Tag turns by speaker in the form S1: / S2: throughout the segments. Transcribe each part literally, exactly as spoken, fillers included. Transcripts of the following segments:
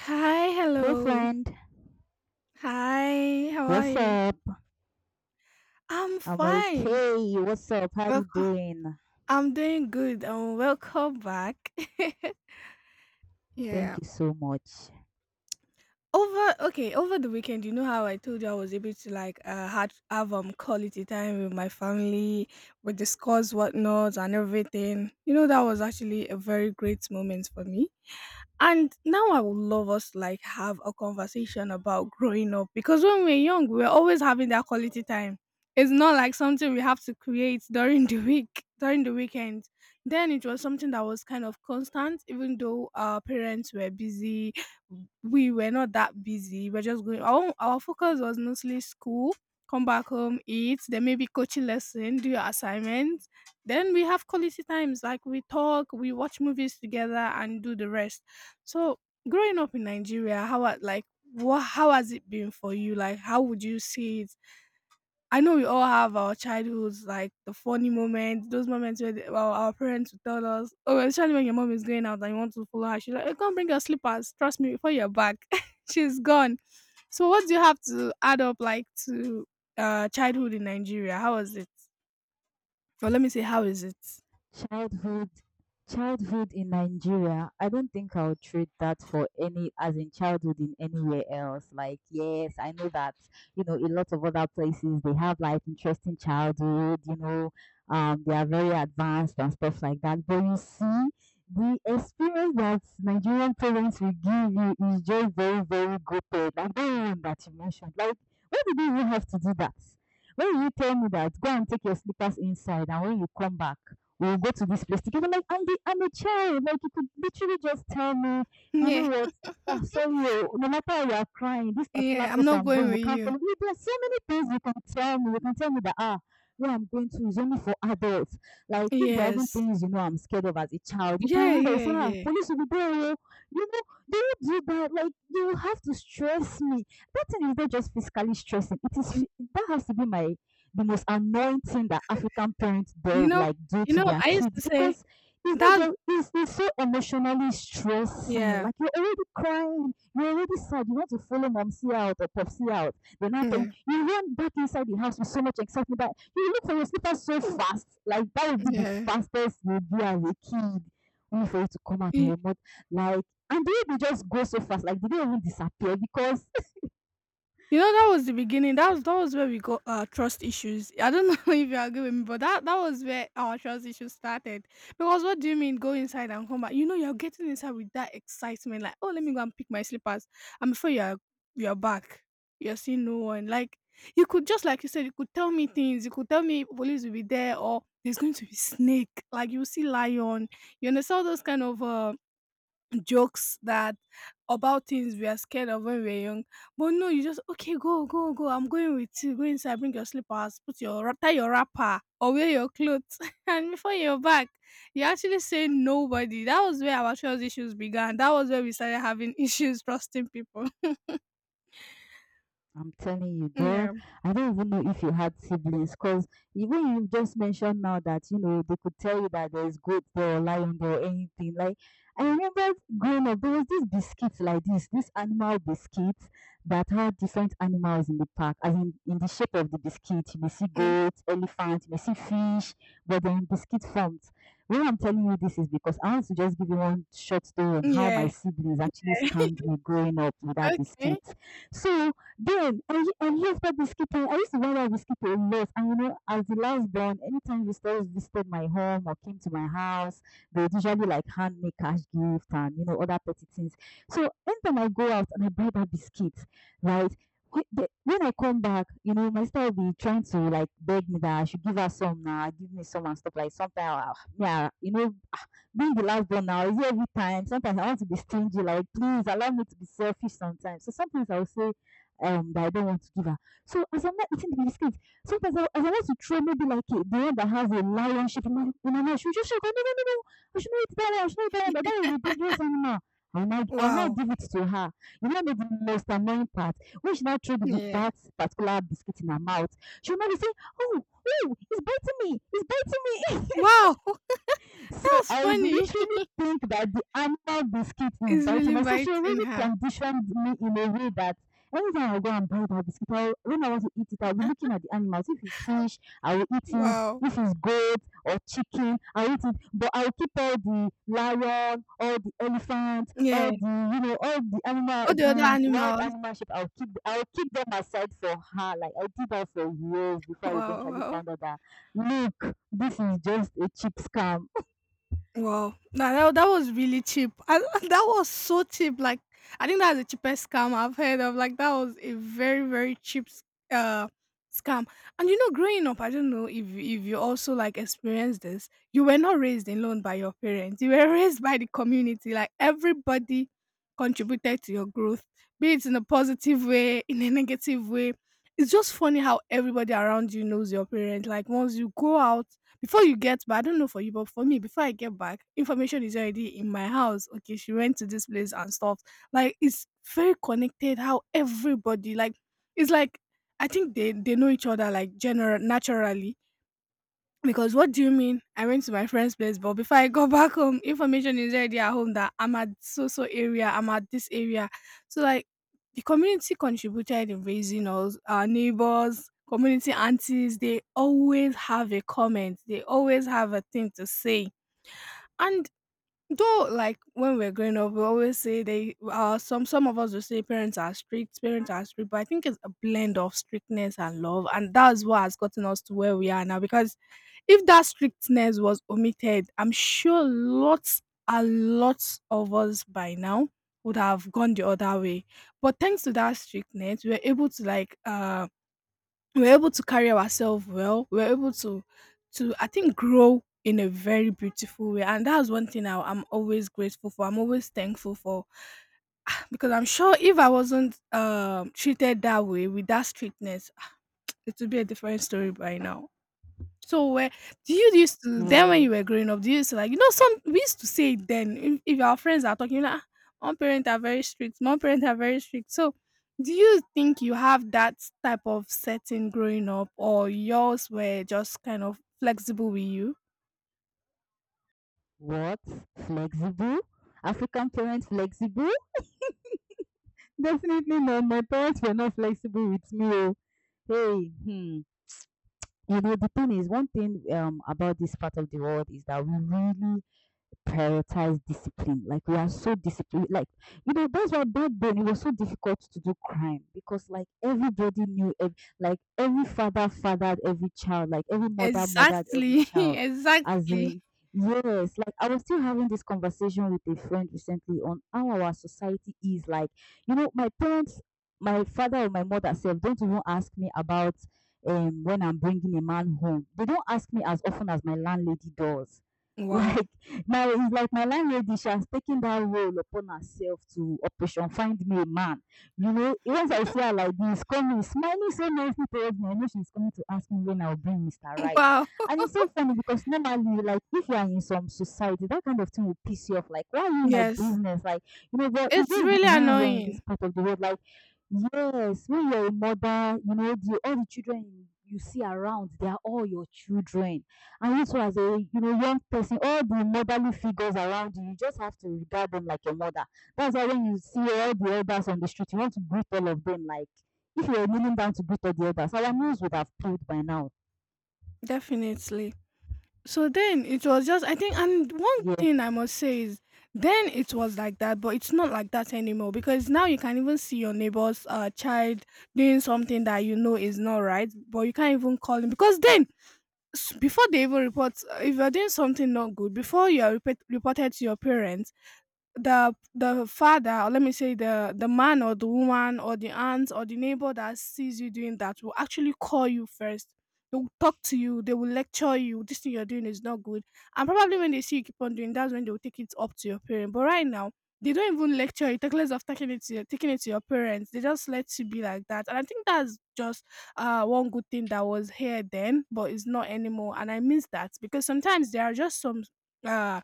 S1: Hi,
S2: Hey
S1: hello.
S2: friend,
S1: Hi, how are
S2: what's
S1: you?
S2: up?
S1: I'm
S2: I'm
S1: fine.
S2: okay. What's up? How you
S1: Welcome.
S2: doing?
S1: I'm doing good. Um, welcome back.
S2: Thank
S1: yeah.
S2: you so much.
S1: Over okay, over the weekend, you know how I told you I was able to like uh had, have um quality time with my family, we discuss whatnot and everything. You know that was actually a very great moment for me. And now I would love us to like have a conversation about growing up because when we're young, we're always having that quality time. It's not like something we have to create during the week, during the weekend. Then it was something that was kind of constant, even though our parents were busy, we were not that busy. We're just going. Our own- our focus was mostly school. Come back home, eat. Then maybe coaching lesson, do your assignments. Then we have quality times like we talk, we watch movies together, and do the rest. So growing up in Nigeria, how are- like what how has it been for you? Like how would you see it? I know we all have our childhoods, like the funny moments, those moments where the, our, our parents would tell us, oh, especially when your mom is going out and you want to follow her, she's like, "Eh, come bring your slippers. Trust me, before you're back, she's gone." So, what do you have to add up, like, to uh, childhood in Nigeria? How was it? Or let me say, how is it?
S2: Childhood childhood in Nigeria, I don't think I would trade that for any, as in childhood in anywhere else. Like, yes, I know that, you know, a lot of other places they have like interesting childhood, you know, um, they are very advanced and stuff like that. But you see, the experience that Nigerian parents will give you is just very, very good. Like the one that you mentioned. Like, why did you even have to do that? When you tell me that, go and take your slippers inside, and when you come back, we will go to this place together. Like, I'm, the, I'm a child. Like, you could literally just tell me, you know
S1: Yeah,
S2: what? Ah, sorry, oh, no matter you are crying, this particular
S1: yeah, I'm
S2: place
S1: not
S2: I'm
S1: going
S2: going, you
S1: with
S2: can't
S1: you.
S2: follow me. There are so many things you can tell me. You can tell me that, ah, where I'm going to is only for adults. Like, if there are even
S1: Yes.
S2: things you know I'm scared of as a child, you
S1: Yeah,
S2: can use that. You
S1: yeah,
S2: say, ah,
S1: yeah.
S2: police will be there. Oh. You know, they will do that. Like, you have to stress me. That thing is not just physically stressing. It
S1: Mm,
S2: is, that has to be my the most anointing that African parents
S1: you
S2: do,
S1: know,
S2: like do
S1: you
S2: to
S1: know,
S2: their
S1: I used to
S2: kids
S1: say
S2: because it's not
S1: that.
S2: just it's, it's so emotionally stressing.
S1: Yeah,
S2: Like you're already crying, you're already sad, you want to follow mom see out or pop see out. Then happen
S1: yeah,
S2: you run back inside the house with so much excitement that you look for your slippers so fast. Like that would be the
S1: yeah.
S2: fastest you'll be as a kid. Only for you to come out and
S1: Y-
S2: your mom like and the way just go so fast, like they don't even disappear because
S1: you know, that was the beginning. That was that was where we got our trust issues. I don't know if you agree with me, but that that was where our trust issues started. Because what do you mean go inside and come back? You know, you're getting inside with that excitement, like, oh, let me go and pick my slippers. And before you're you're back, you're seeing no one. Like you could just like you said, you could tell me things. You could tell me police will be there or there's going to be snake. Like you see lion. You understand all those kind of um jokes that about things we are scared of when we're young. But no, you just okay, go, go, go. I'm going with you. Go inside, bring your slippers, put your wrap- tie your wrapper or wear your clothes. And before you're back, you actually say nobody. That was where our trust issues began. That was where we started having issues trusting people.
S2: I'm telling you, girl,
S1: Yeah.
S2: I don't even know if you had siblings because even you just mentioned now that, you know, they could tell you that there's goat there or lion there or anything. Like, I remember growing up, there was this biscuit like this, this animal biscuit that had different animals in the park, as in, in the shape of the biscuit. You may see
S1: Mm.
S2: goat, elephant, you may see fish, but they're in biscuit forms. Why I'm telling you this is because I want to just give you one short story on how my
S1: Yeah.
S2: siblings actually scammed me growing up with that
S1: Okay.
S2: biscuit. So then and, he- and here's what whiskey I used to wear that whiskey a lot. And you know, as the last born, anytime visitors visited my home or came to my house, they would usually like hand me cash gift and you know other petty things. So anytime I go out and I buy that biscuit, right? whe- the- When I come back, you know, my sister will be trying to like beg me that I should give her some now, give me some and stuff like something. Yeah, you know, being the last born now is every time, sometimes I want to be stingy, like please allow me to be selfish sometimes. So sometimes I will say um that I don't want to give her. So as I'm not eating the biscuit sometimes I, as I want to throw maybe like a, the one that has a lion shape in my, in my mouth, she'll just shout no no no no no. I should not eat that one, I should not eat that one, but that is a dangerous animal. I'll not, I'll not
S1: Wow.
S2: give it to her. You know, the most annoying part. When she now threw the,
S1: Yeah.
S2: that particular biscuit in her mouth, she'll now be saying, oh, oh, it's biting me, it's biting me.
S1: Wow. That
S2: So
S1: was
S2: I would
S1: funny.
S2: literally think that the animal biscuit is
S1: It's
S2: biting.
S1: really
S2: Like, so she already
S1: biting her.
S2: conditioned me in a way that anytime I go and buy that biscuit, I'll, when I want to eat it, I'll be looking at the animals. If it's fish, I will eat it.
S1: Wow.
S2: If it's goat or chicken, I'll eat it. But I'll keep all the lion, all the elephant,
S1: Yeah.
S2: all the you know, all the animal,
S1: All the other
S2: the wild
S1: animals.
S2: animal shape. I'll keep, I'll keep them aside for her. Like I did that for years before I
S1: Wow.
S2: eventually
S1: Wow.
S2: found out that look, this is just a cheap scam.
S1: Wow. Now that, that was really cheap. I, that was so cheap. Like I think that's the cheapest scam I've heard of. Like that was a very very cheap s- uh scam. And you know, growing up, I don't know if if you also like experienced this. You were not raised alone by your parents. You were raised by the community. Like everybody contributed to your growth, be it in a positive way, in a negative way. It's just funny how everybody around you knows your parents. Like once you go out before you get back, I don't know for you, but for me, before I get back, information is already in my house. Okay, she went to this place and stuff. Like it's very connected. How everybody like, it's like I think they they know each other like general naturally because what do you mean? I went to my friend's place, but before I got back home, information is already at home that I'm at so so area, I'm at this area. So like the community contributed in raising us, our neighbors, community aunties, they always have a comment, they always have a thing to say. And though like when we're growing up, we always say they uh some some of us will say parents are strict, parents are strict, but I think it's a blend of strictness and love, and that's what has gotten us to where we are now because if that strictness was omitted, I'm sure lots and lots of us by now would have gone the other way. But thanks to that strictness, we were able to like uh we were able to carry ourselves well. We were able to to I think grow in a very beautiful way. And that's one thing I, I'm always grateful for. I'm always thankful for because I'm sure if I wasn't um treated that way with that strictness, it would be a different story by now. So where do you used to then when
S2: Yeah.
S1: you were growing up, do you used to like you know some we used to say it then if, if our friends are talking like one parent are very strict, mom parent are very strict. So do you think you have that type of setting growing up or yours were just kind of flexible with you?
S2: What? Flexible? African parents flexible? Definitely not. My parents were not flexible with me. Oh. Hey, hmm. You know, the thing is, one thing um about this part of the world is that we really prioritize discipline. Like we are so disciplined. Like you know that's why back then it was so difficult to do crime because like everybody knew. Ev- like every father fathered every child. Like every mother mothered every
S1: Exactly.
S2: child. As
S1: Exactly.
S2: in yes. Like I was still having this conversation with a friend recently on how our society is. Like you know my parents. My father or my mother self don't even ask me about um when I'm bringing a man home. They don't ask me as often as my landlady does.
S1: Wow.
S2: Like my it's like my landlady, she has taken that role upon herself to operation find me a man. You know, once I see her like this, coming, smiling so nicely towards me, I know she's coming to ask me when I'll bring mister Right.
S1: Wow.
S2: And it's so funny because normally, like if you are in some society, that kind of thing will piss you off. Like, why are you in my
S1: Yes.
S2: business? Like, you know, but it's
S1: It's
S2: just
S1: really
S2: the way we are in this
S1: annoying.
S2: part of the world. Like, yes, when you're a mother, you know, the all the children you see around, they are all your children and you as a you know young person, all the motherly figures around you, you just have to regard them like your mother. That's why when you see all the elders on the street, you want to greet all of them like if you were kneeling down to greet all the elders, our nose would have peeled by now.
S1: Definitely. So then it was just I think and one
S2: Yeah,
S1: thing I must say is then it was like that, but it's not like that anymore because now you can even see your neighbor's uh, child doing something that you know is not right, but you can't even call him because then s- before they even report, uh, if you're doing something not good, before you are report, reported to your parents, the the father or let me say the the man or the woman or the aunt or the neighbor that sees you doing that will actually call you first. They will talk to you, they will lecture you, this thing you're doing is not good, and probably when they see you keep on doing, that's when they will take it up to your parent. But right now they don't even lecture you, take less of taking it to your, taking it to your parents. They just let you be like that. And I think that's just uh one good thing that was here then but it's not anymore and I miss that because sometimes there are just some uh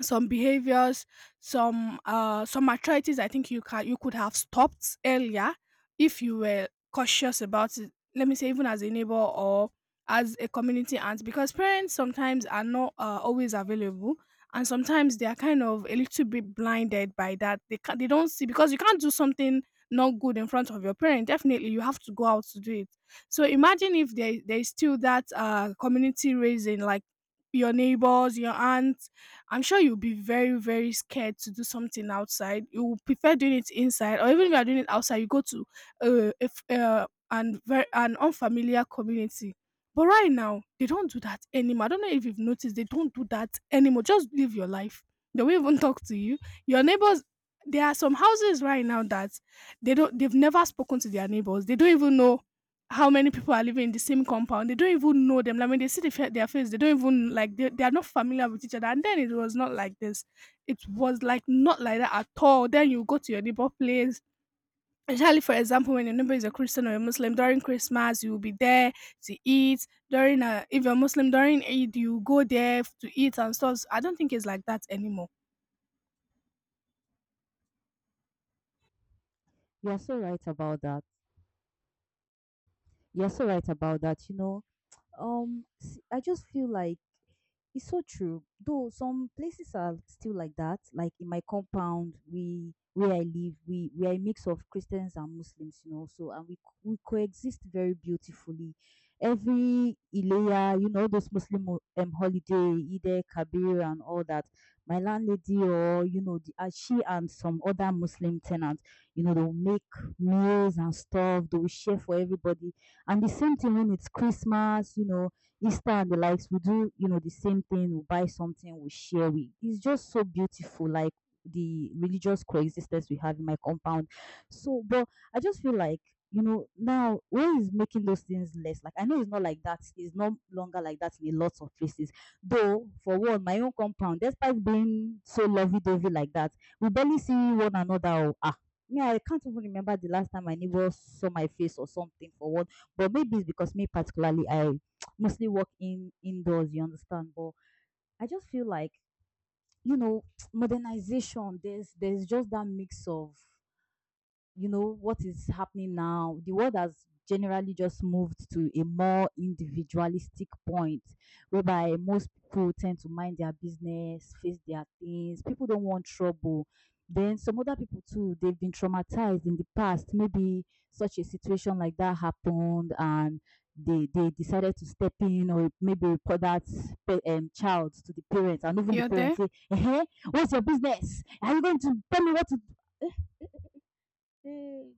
S1: some behaviors, some uh some arthritis I think you can you could have stopped earlier if you were cautious about it. Let me say even as a neighbor or as a community aunt, because parents sometimes are not uh, always available and sometimes they are kind of a little bit blinded by that, they can they don't see because you can't do something not good in front of your parent, definitely you have to go out to do it. So imagine if there, there is still that uh community raising like your neighbors, your aunt, I'm sure you'll be very, very scared to do something outside. You will prefer doing it inside, or even if you are doing it outside, you go to uh, if, uh, an, very, an unfamiliar community. But right now, they don't do that anymore. I don't know if you've noticed, they don't do that anymore. Just live your life. They won't even talk to you. Your neighbors, there are some houses right now that they don't they've never spoken to their neighbors. They don't even know how many people are living in the same compound. They don't even know them. Like when they see the fa- their face, they don't even like they, they are not familiar with each other. And then it was not like this. It was like not like that at all. Then you go to your neighbor place. Especially for example, when your neighbor is a Christian or a Muslim, during Christmas you will be there to eat. During uh, if you're Muslim during Eid, you go there to eat and stuff. I don't think it's like that anymore.
S2: you are so right about that. You are so right about that. You know, um, s- I just feel like it's so true. Though some places are still like that. Like in my compound, we where I live, we we are a mix of Christians and Muslims, you know. So and we co- we coexist very beautifully. Every Ileya, you know, those Muslim ho- um, holiday, Eid Kabir and all that. My landlady or you know, the, uh, she and some other Muslim tenants, you know, they'll make meals and stuff. They will share for everybody. And the same thing when it's Christmas, you know, Insta and the likes, we do, you know, the same thing, we buy something, we share. We, it's just so beautiful, like the religious coexistence we have in my compound. So, but I just feel like, you know, now where is making those things less? Like, I know it's not like that, it's no longer like that in a lot of places. Though, for one, my own compound, despite being so lovey dovey like that, we barely see one another. Oh, ah, me, I can't even remember the last time my neighbor saw my face or something for one. But maybe it's because me particularly, I mostly work in indoors, you understand? But I just feel like, you know, modernization, there's there's just that mix of you know what is happening now. The world has generally just moved to a more individualistic point, whereby most people tend to mind their business, face their things, people don't want trouble. Then some other people too, they've been traumatized in the past, maybe such a situation like that happened and they they decided to step in or maybe report that pa- um, child to the parents, and even the
S1: You're there?
S2: parents say, hey, what's your business? Are you going to tell me what to do?